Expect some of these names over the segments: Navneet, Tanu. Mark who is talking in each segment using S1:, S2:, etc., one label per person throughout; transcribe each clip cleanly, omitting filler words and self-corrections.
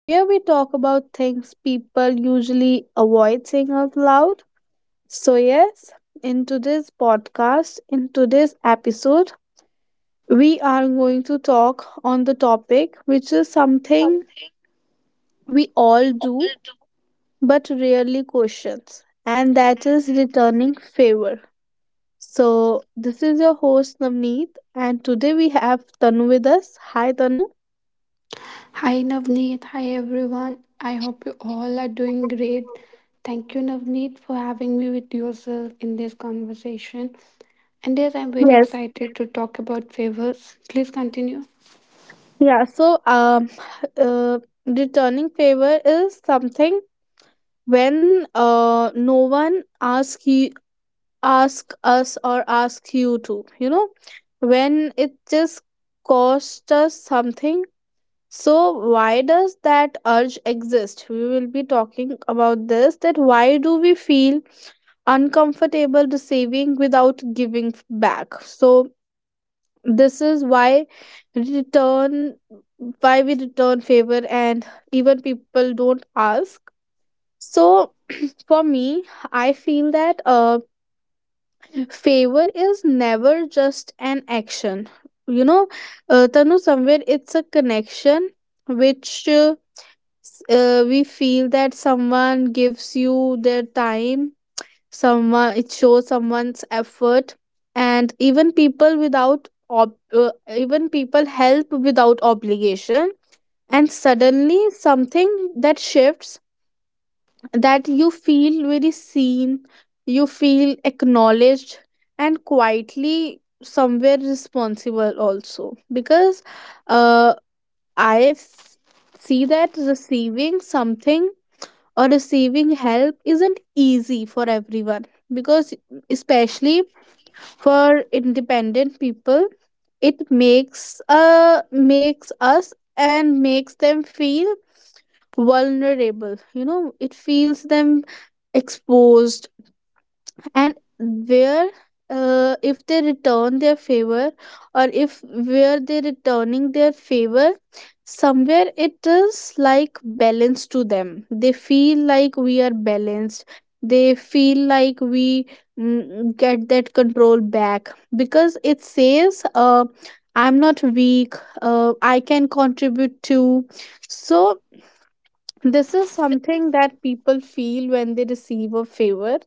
S1: where we talk about things people usually avoid saying out loud. So, yes, in today's episode, we are going to talk on the topic which is something
S2: Something
S1: we all
S2: we all
S1: do
S2: do.
S1: but rarely questions, and that is returning favor. So, this is your host Navneet, and today we have Tanu with us. Hi, Tanu.
S2: Hi Navneet, hi everyone. I hope you all are doing great. Thank you, Navneet, for having me with yourself in this conversation. And yes, I'm very
S1: Yes.
S2: excited to talk about favors. Please continue.
S1: Yeah. So, uh, returning favor is something when no one ask us or ask you to, when it just cost us something. So why does that urge exist? We will be talking about this, that why do we feel uncomfortable receiving without giving back. So this is why return why we return favor, and even people don't ask. So for me, I feel that favor is never just an action. You know, Tanu, somewhere it's a connection which we feel that someone gives you their time, someone, it shows someone's effort. And even people help without obligation, and suddenly something that shifts, that you feel very seen, you feel acknowledged, and quietly somewhere responsible also, because uh, I see that receiving something or receiving help isn't easy for everyone. Because especially for independent people, it makes makes us and makes them feel vulnerable. It feels them exposed. And where, if they return their favor, or if where they returning their favor, somewhere it is like balance to them. They feel like we are balanced, they feel like we, get that control back, because it says, I'm not weak, I can contribute too. So this is something that people feel when they receive a favor.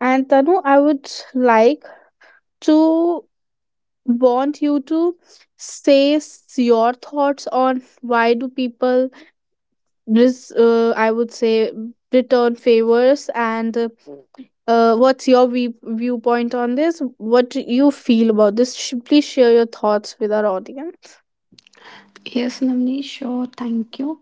S1: And Tanu, I would like to want you to say your thoughts on why do people, I would say, return favors, and what's your viewpoint on this? What do you feel about this? Please share your thoughts with our audience.
S2: Yes, Navneet, sure. Thank you.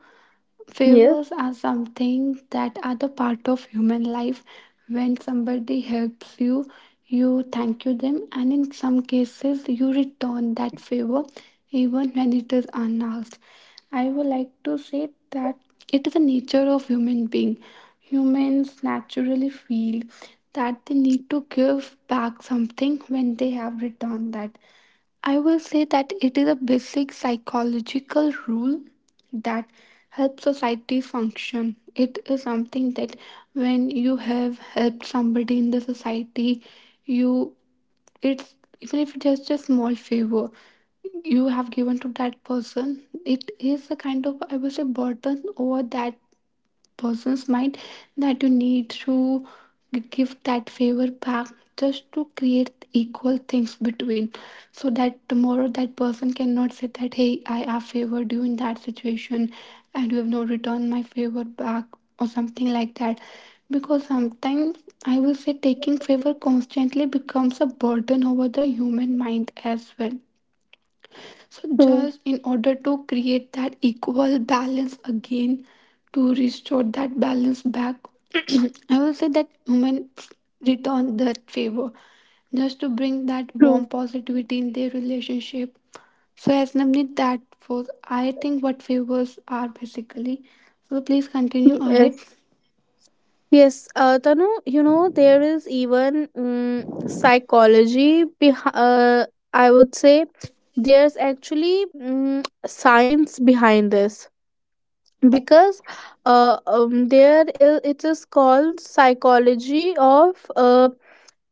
S1: Yes,
S2: Favors are something that are the part of human life. When somebody helps you, you thank you them, and in some cases, you return that favor even when it is unasked. I would like to say that it is the nature of human being. Humans naturally feel that they need to give back something when they have returned that. I will say that it is a basic psychological rule that helps society function. It is something that when you have helped somebody in the society, you it's even if it's just a small favor you have given to that person, it is a kind of, I will say, burden over that person's mind, that you need to give that favor back just to create equal things between, so that tomorrow that person cannot say that, hey, I have favored you in that situation and you have not returned my favor back or something like that. Because sometimes, I will say, taking favor constantly becomes a burden over the human mind as well. So,
S1: true,
S2: just in order to create that equal balance again, to restore that balance back, I will say that women return that favor just to bring that warm
S1: true.
S2: positivity in their relationship. So, as Navneet, that was I think what favors are basically. So, please continue ahead.
S1: Yes. Yes, Tanu, there is even psychology. I would say there's actually science behind this, because it is called psychology of uh,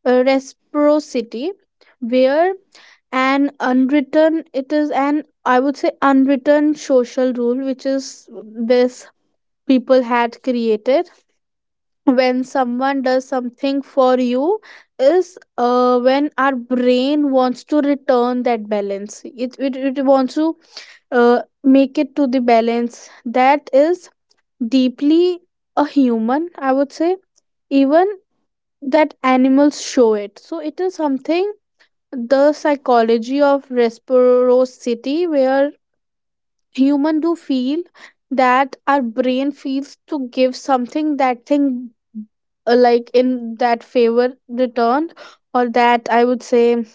S1: uh, reciprocity, where an unwritten it is an, I would say, unwritten social rule, which is this people had created. When someone does something for you, is, when our brain wants to return that balance, it wants to, make it to the balance. That is deeply a human, I would say, even that animals show it. So it is something, the psychology of reciprocity, where human do feel that our brain feels to give something that thing, like in that favor returned, or that, I would say,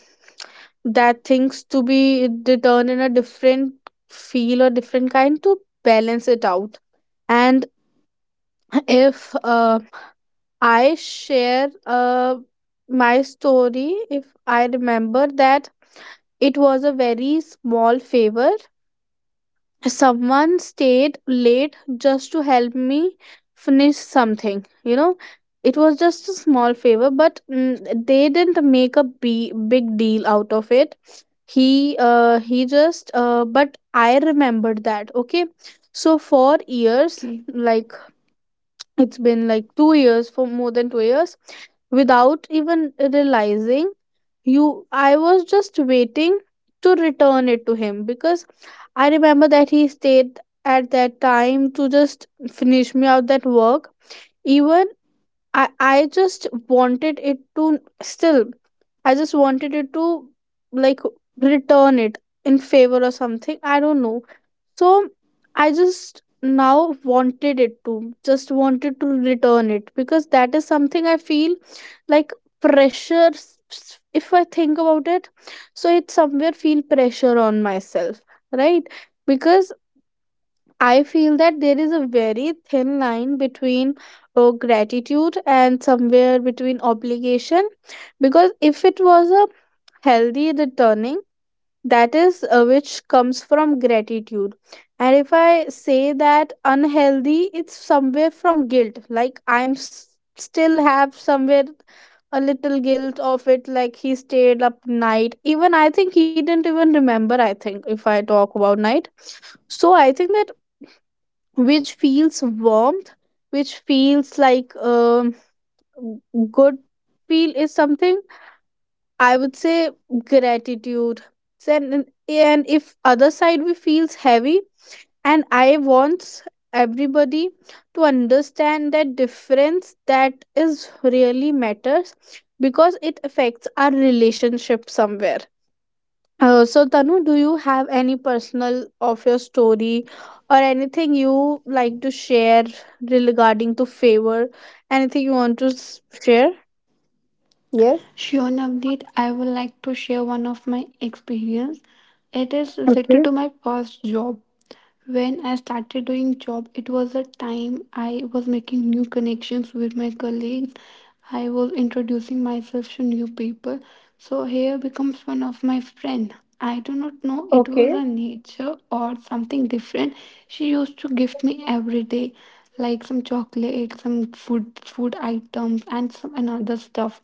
S1: that things to be returned in a different feel or different kind, to balance it out. And if, I share, my story, if I remember that. It was a very small favor, someone stayed late just to help me finish something. It was just a small favor, but they didn't make a big deal out of it. He just But I remembered that, okay. So for years,
S2: Okay.
S1: like it's been like 2 years, for more than 2 years, without even realizing, you I was just waiting to return it to him, because I remember that he stayed at that time to just finish me out that work. Even, i i just wanted it to still I just wanted it to, like, return it in favor or something, I don't know. So I just now wanted it to, just wanted to return it, because that is something I feel like pressure. If I think about it, so it somewhere feel pressure on myself, right? Because I feel that there is a very thin line between, gratitude, and somewhere between obligation. Because if it was a healthy returning, that is, which comes from gratitude. And if I say that unhealthy, it's somewhere from guilt, like I'm still have somewhere a little guilt of it, like he stayed up night, even I think he didn't even remember, I think, if I talk about night. So I think that which feels warmth, which feels like, good feel, is something, I would say, gratitude. And if other side we feels heavy, and I want everybody to understand that difference, that is really matters, because it affects our relationship somewhere. So Tanu, do you have any personal of your story or anything you like to share regarding to favor? Anything you want to share? Yes.
S2: Sure, Navneet, I would like to share one of my experience. It is related
S1: Okay.
S2: to my first job. When I started doing job, it was a time I was making new connections with my colleagues. I was introducing myself to new people. So here becomes one of my friend. I do not know it was
S1: Okay.
S2: a nature or something different. She used to gift me every day, like some chocolate, some food items, and some another stuff.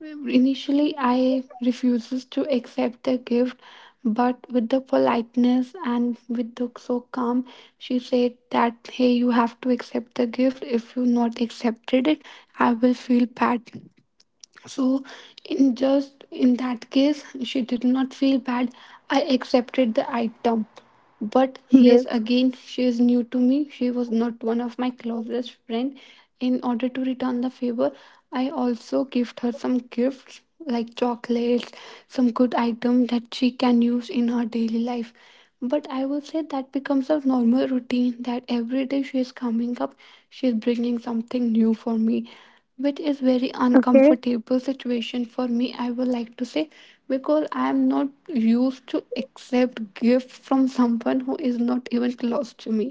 S2: Initially, I refuses to accept the gift, but with the politeness and with the so calm, she said that, hey, you have to accept the gift. If you not accepted it, I will feel bad. So, in just in that case, she did not feel bad. I accepted the item. But yes,
S1: Yes.
S2: again, she is new to me. She was not one of my closest friend. In order to return the favor, I also gift her some gifts like chocolates, some good item that she can use in her daily life. But I will say that becomes a normal routine, that every day she is coming up, she is bringing something new for me, which is very
S1: Okay.
S2: uncomfortable situation for me, I would like to say, because I am not used to accept gift from someone who is not even close to me.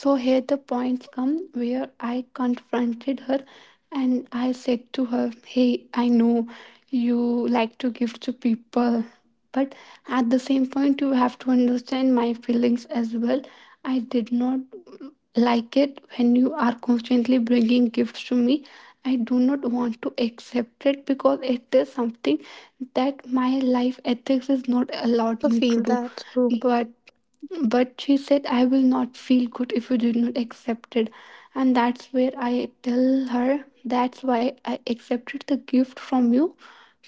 S2: So here the points come where I confronted her, and I said to her, hey, I know you like to give to people, but at the same point you have to understand my feelings as well. I did not
S1: True.
S2: like it when you are constantly bringing gifts to me. I do not
S1: Yes.
S2: want to accept it because it is something that my life ethics has not
S1: Yes. I
S2: allowed
S1: also
S2: me to
S1: feel
S2: do.
S1: that. True.
S2: but but she said, I will not feel good if you did not accept it. And that's where I tell her, that's why I accepted the gift from you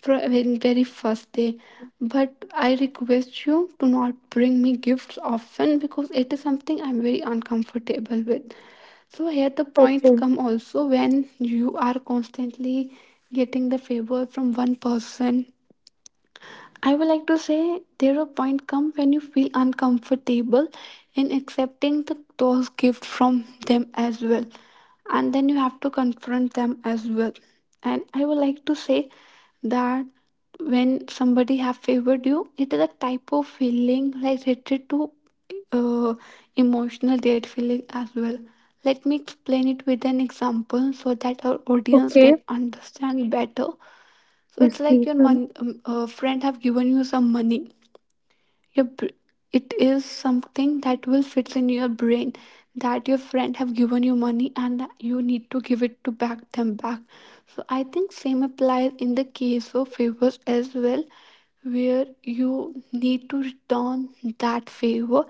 S2: from the very first day. But I request you to not bring me gifts often because it is something I'm very uncomfortable with. So here the points
S1: Okay.
S2: come also when you are constantly getting the favor from one person, I would like to say there a point come when you feel uncomfortable in accepting the, those gifts from them as well, and then you have to confront them as well. And I would like to say that when somebody have favored you, it is a type of feeling like related to uh, emotional date feeling as well. Let me explain it with an example so that our audience
S1: Okay.
S2: can understand better. So it's
S1: Yes,
S2: like
S1: please.
S2: your
S1: Then.
S2: friend have given you some money. Your it is something that will fit in your brain that your friend have given you money and that you need to give it to back them back. So I think same applies in the case of favors as well, where you need to return that favor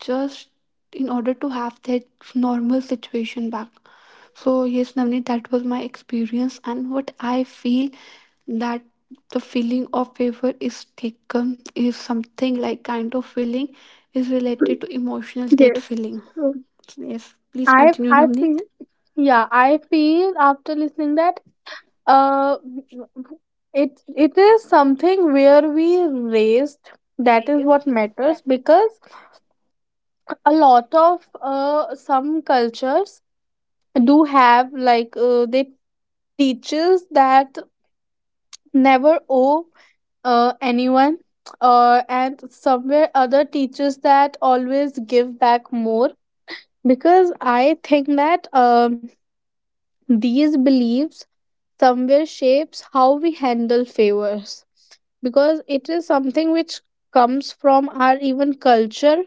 S2: just in order to have that normal situation back. So yes, Navneet, that was my experience, and what I feel that the feeling of favor is taken is something like kind of feeling is related to emotional debt
S1: Yes.
S2: feeling.
S1: True.
S2: Yes, please continue,
S1: I
S2: Navneet.
S1: feel Yeah, I feel after listening that uh it is something, where we raised, that is what matters. Because a lot of some cultures do have, like, they teaches that never owe, anyone, and somewhere other teachers that always give back more. Because I think that, these beliefs somewhere shapes how we handle favors, because it is something which comes from our even culture.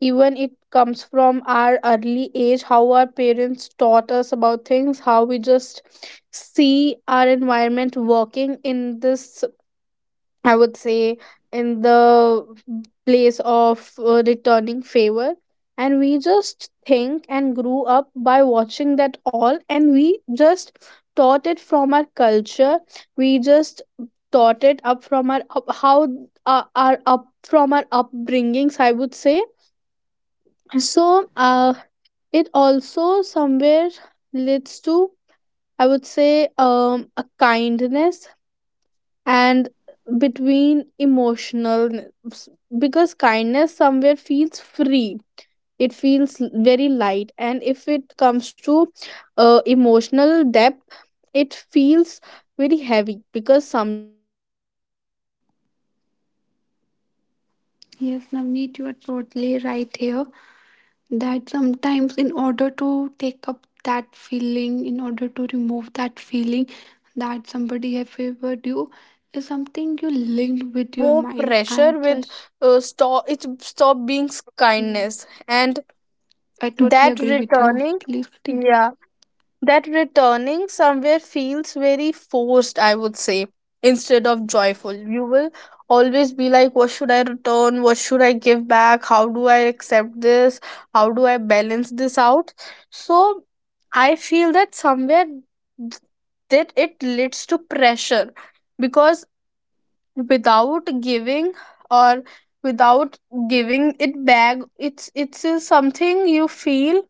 S1: Even it comes from our early age, how our parents taught us about things, how we just see our environment working in this, I would say, in the place of, returning favor. And we just think and grew up by watching that all, and we just taught it from our culture. We just taught it up from our up, how, our up from our upbringings, I would say so. It also somewhere leads to, I would say, a kindness, and between emotional, because kindness somewhere feels free, it feels very light. And if it comes to, emotional depth, it feels very heavy, because sometimes it hanging over you will
S2: Yes,
S1: feel
S2: Navneet, you are
S1: very, I would say,
S2: totally right
S1: uh,
S2: here.
S1: feel very
S2: That
S1: heavy,
S2: sometimes,
S1: it
S2: in
S1: feels
S2: order
S1: very
S2: to
S1: heavy
S2: take
S1: on
S2: up
S1: you.
S2: that
S1: And,
S2: feeling, in
S1: when a
S2: order to
S1: favor
S2: remove that
S1: comes with
S2: feeling that
S1: expectation,
S2: somebody
S1: it's
S2: have
S1: like
S2: favored you, is
S1: it's
S2: something
S1: it's
S2: you
S1: like
S2: linked with your
S1: more
S2: mind
S1: pressure,
S2: and
S1: with,
S2: just.
S1: stop being
S2: hmm,
S1: kindness. And
S2: I totally
S1: that
S2: agree with you.
S1: returning
S2: Please continue.
S1: yeah, that returning somewhere feels very forced, I would say, instead of joyful. You will always be like, what should I return, what should I give back, how do I accept this, how do I balance this out? So I feel that somewhere that it leads to pressure, because without giving, or without giving it back, it's something you feel,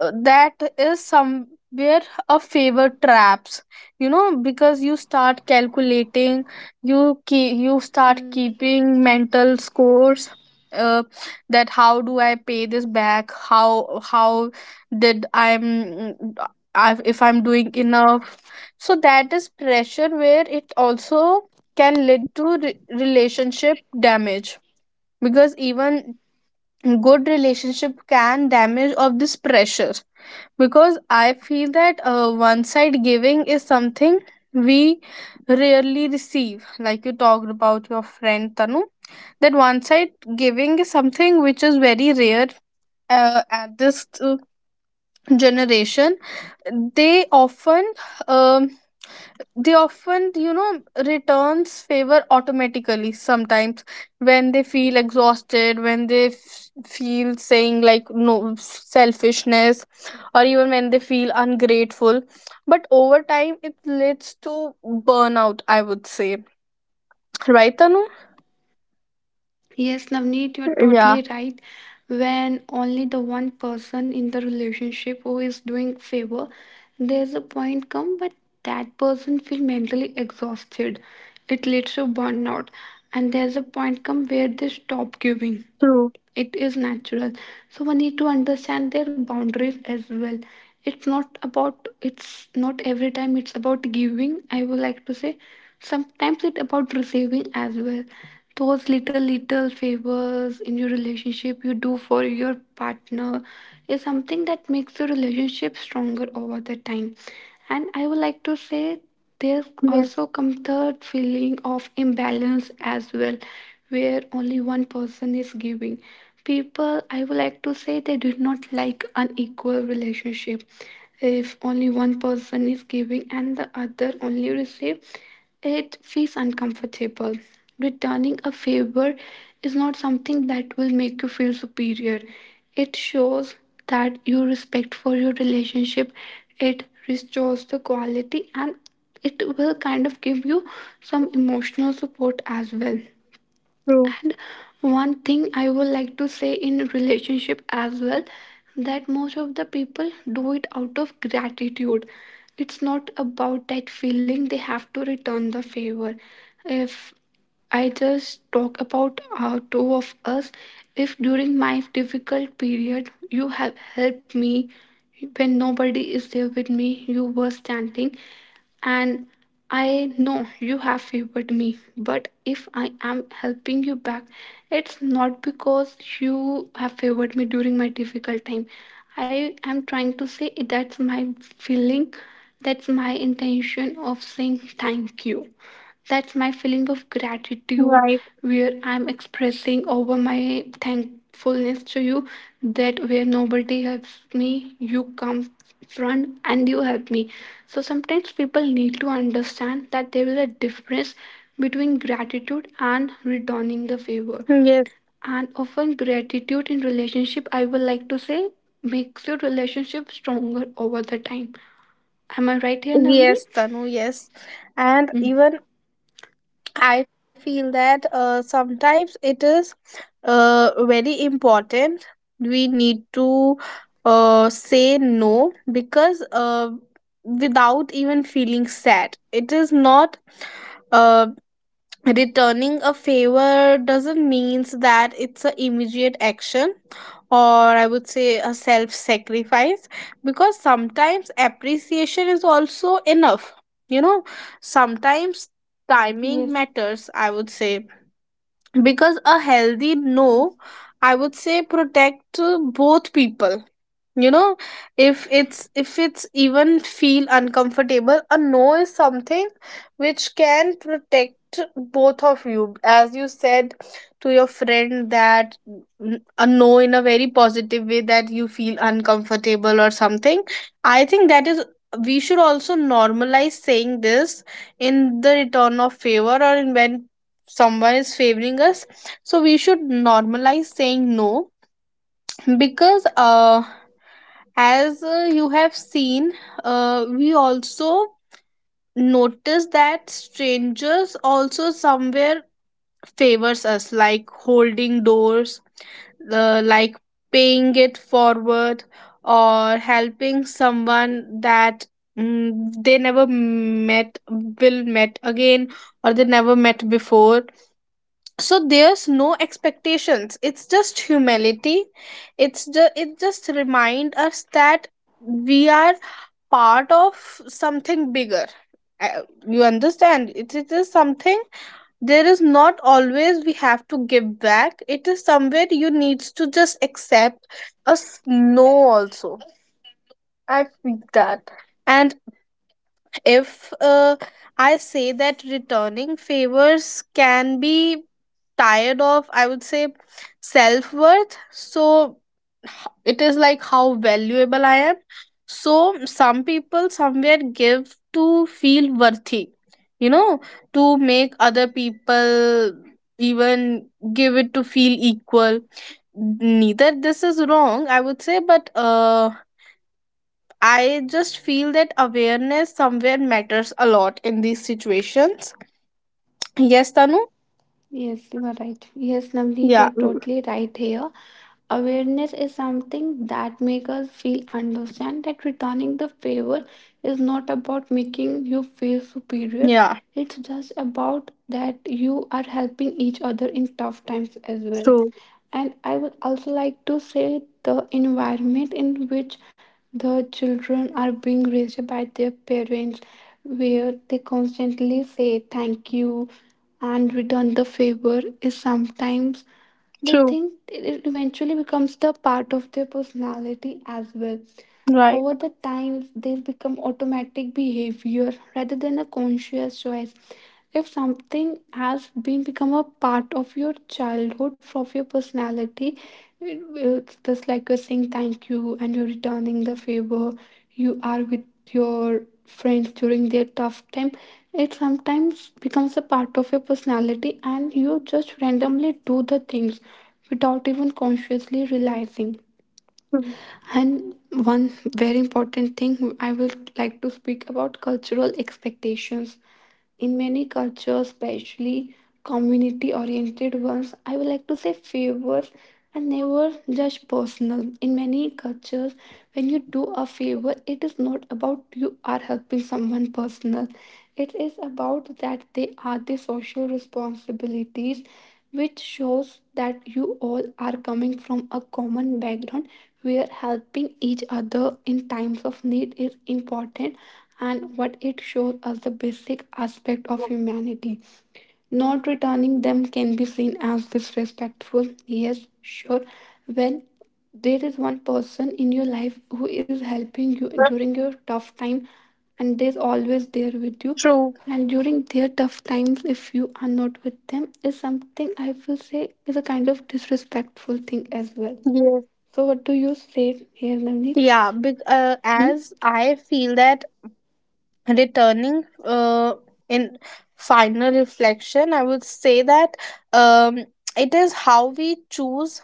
S1: that is somewhere a favor traps, because you start calculating, you start
S2: Hmm.
S1: keeping mental scores, uh, that how do I pay this back, how did i'm uh, if I'm doing enough. So that is pressure, where it also can lead to relationship damage, because even good relationship can damage of this pressure. Because I feel that, one side giving is something we rarely receive, like you talked about your friend, Tanu, that one side giving is something which is very rare, at this, generation. They often, um, they often you know returns favor automatically sometimes, when they feel exhausted, when they feel saying like no selfishness, or even when they feel ungrateful. But over time it leads to burnout, I would say, right, Tanu?
S2: Yes, Navneet, you're
S1: Yeah.
S2: totally right. When only the one person in the relationship who is doing favor, there's a point come, but that person feel mentally exhausted. It leads to burnout, and there's a point come where they stop giving.
S1: True.
S2: It is natural. So we need to understand their boundaries as well. It's not about. It's not every time. It's about giving. I would like to say, sometimes it's about receiving as well. Those little little favors in your relationship you do for your partner is something that makes the relationship stronger over the time. And I would like to say there's
S1: Yes.
S2: also come third feeling of imbalance as well, where only one person is giving. People, I would like to say, they do not like unequal relationship. If only one person is giving and the other only receive, it feels uncomfortable. Returning a favor is not something that will make you feel superior. It shows that you respect for your relationship. It restores the quality, and it will kind of give you some emotional support as well.
S1: True.
S2: And one thing I would like to say in relationship as well, that most of the people do it out of gratitude. It's not about that feeling they have to return the favor. If I just talk about two of us. If during my difficult period you have helped me when nobody is there with me, you were standing, and I know you have favored me, but if I am helping you back, it's not because you have favored me during my difficult time. I am trying to say that's my feeling, that's my intention of saying thank you. That's my feeling of gratitude,
S1: Right.
S2: where I'm expressing over my thankfulness to you, that where nobody helps me, you come front and you help me. So sometimes people need to understand that there is a difference between gratitude and returning the favor,
S1: Yes.
S2: and often gratitude in relationship, I would like to say, makes your relationship stronger over the time. Am I right here,
S1: Yes,
S2: Navneet?
S1: Tanu. Yes. And
S2: Mm.
S1: even I feel that, sometimes it is, very important. We need to, say no, because, without even feeling sad, it is not. Uh, Returning a favor doesn't means that it's an immediate action, or I would say a self sacrifice, because sometimes appreciation is also enough you know Sometimes timing
S2: Yes.
S1: matters, I would say, because a healthy no, I would say, protect, both people. you know if it's, even feel uncomfortable, a no is something which can protect both of you, as you said to your friend that, a no in a very positive way, that you feel uncomfortable or something. I think that is, we should also normalize saying this in the return of favor, or in when someone is favoring us. So we should normalize saying no. Because, as, you have seen, we also notice that strangers also somewhere favors us, like holding doors, like paying it forward, or helping someone that, mm, they never met will met again, or they never met before, so there's no expectations, it's just humility. It just remind us that we are part of something bigger. Uh, you understand it is something. There is not always we have to give back. It is somewhere you needs to just accept a no also, I feel that. And if, I say that returning favors can be tired of, I would say, self worth. So it is like how valuable I am. So some people somewhere give to feel worthy, you know, to make other people, even give it to feel equal. Neither this is wrong, I would say, but, I just feel that awareness somewhere matters a lot in these situations. Yes, Tanu?
S2: Yes, you are right. Yes, Navneet, you
S1: Yeah.
S2: are
S1: Mm,
S2: totally right here. Awareness is something that makes us feel understand that returning the favor is not about making you feel superior.
S1: yeah.
S2: It's just about that you are helping each other in tough times as well.
S1: True.
S2: And I would also like to say the environment in which the children are being raised by their parents, where they constantly say thank you and return the favor is sometimes, they
S1: True.
S2: think it eventually becomes the part of their personality as well.
S1: Right.
S2: Over the times they become automatic behavior rather than a conscious choice. If something has been become a part of your childhood from your personality, it- it's just like you're saying thank you and you're returning the favor, you are with your friends during their tough time, it sometimes becomes a part of your personality and you just randomly do the things without even consciously realizing.
S1: Mm,
S2: And one very important thing I would like to speak about cultural expectations. In many cultures, especially community oriented ones, I would like to say favors and never just personal. In many cultures, when you do a favor, it is not about you are helping someone personal. It is about that they are the social responsibilities which shows that you all are coming from a common background where helping each other in times of need is important, and what it shows as the basic aspect of humanity. Not returning them can be seen as disrespectful. Yes, sure. When there is one person in your life who is helping you during your tough time and they is always there with you,
S1: true.
S2: and during their tough times if you are not with them is something I will say is a kind of disrespectful thing as well.
S1: Yes.
S2: So what do you say here, Navneet?
S1: Yeah. But,
S2: Hmm?
S1: as I feel that, returning in final reflection, I would say that, um, it is how we choose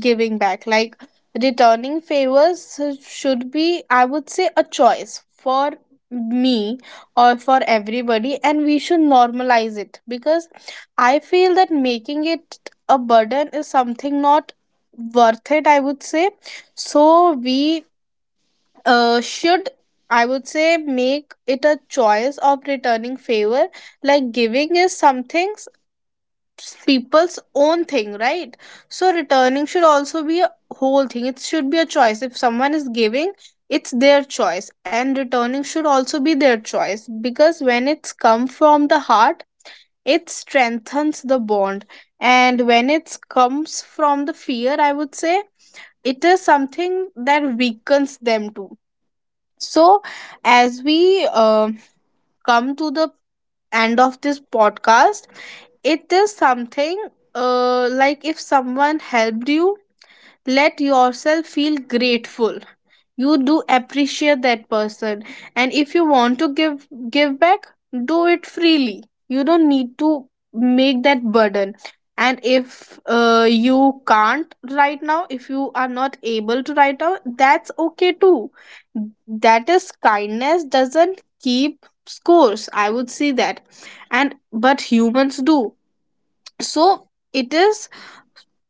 S1: giving back, like returning favors should be, I would say, a choice for me or for everybody, and we should normalize it, because I feel that making it a burden is something not worth it, I would say. So we, should, I would say, make it a choice of returning favor, like giving is something people's own thing, right? So returning should also be a whole thing, it should be a choice. If someone is giving, it's their choice, and returning should also be their choice, because when it's come from the heart, it strengthens the bond, and when it comes from the fear, I would say, it is something that weakens them too. So as we, come to the end of this podcast, it is something, like if someone helped you, let yourself feel grateful, you do appreciate that person, and if you want to give, give back, do it freely, you don't need to make that burden. And if you are not able to right now, that's okay too. That is, kindness doesn't keep scores, I would say that, and but humans do. So it is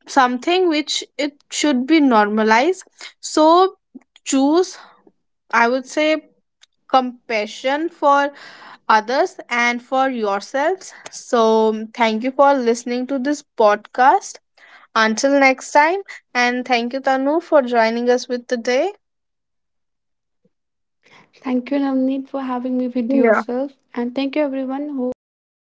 S1: something which it should be normalized. So choose, I would say, compassion for others and for yourselves. So, thank you for listening to this podcast. Until next time, and thank you, Tanu, for joining us with today.
S2: Thank you, Navneet, for having me with
S1: Yeah.
S2: yourself, and thank you everyone who has given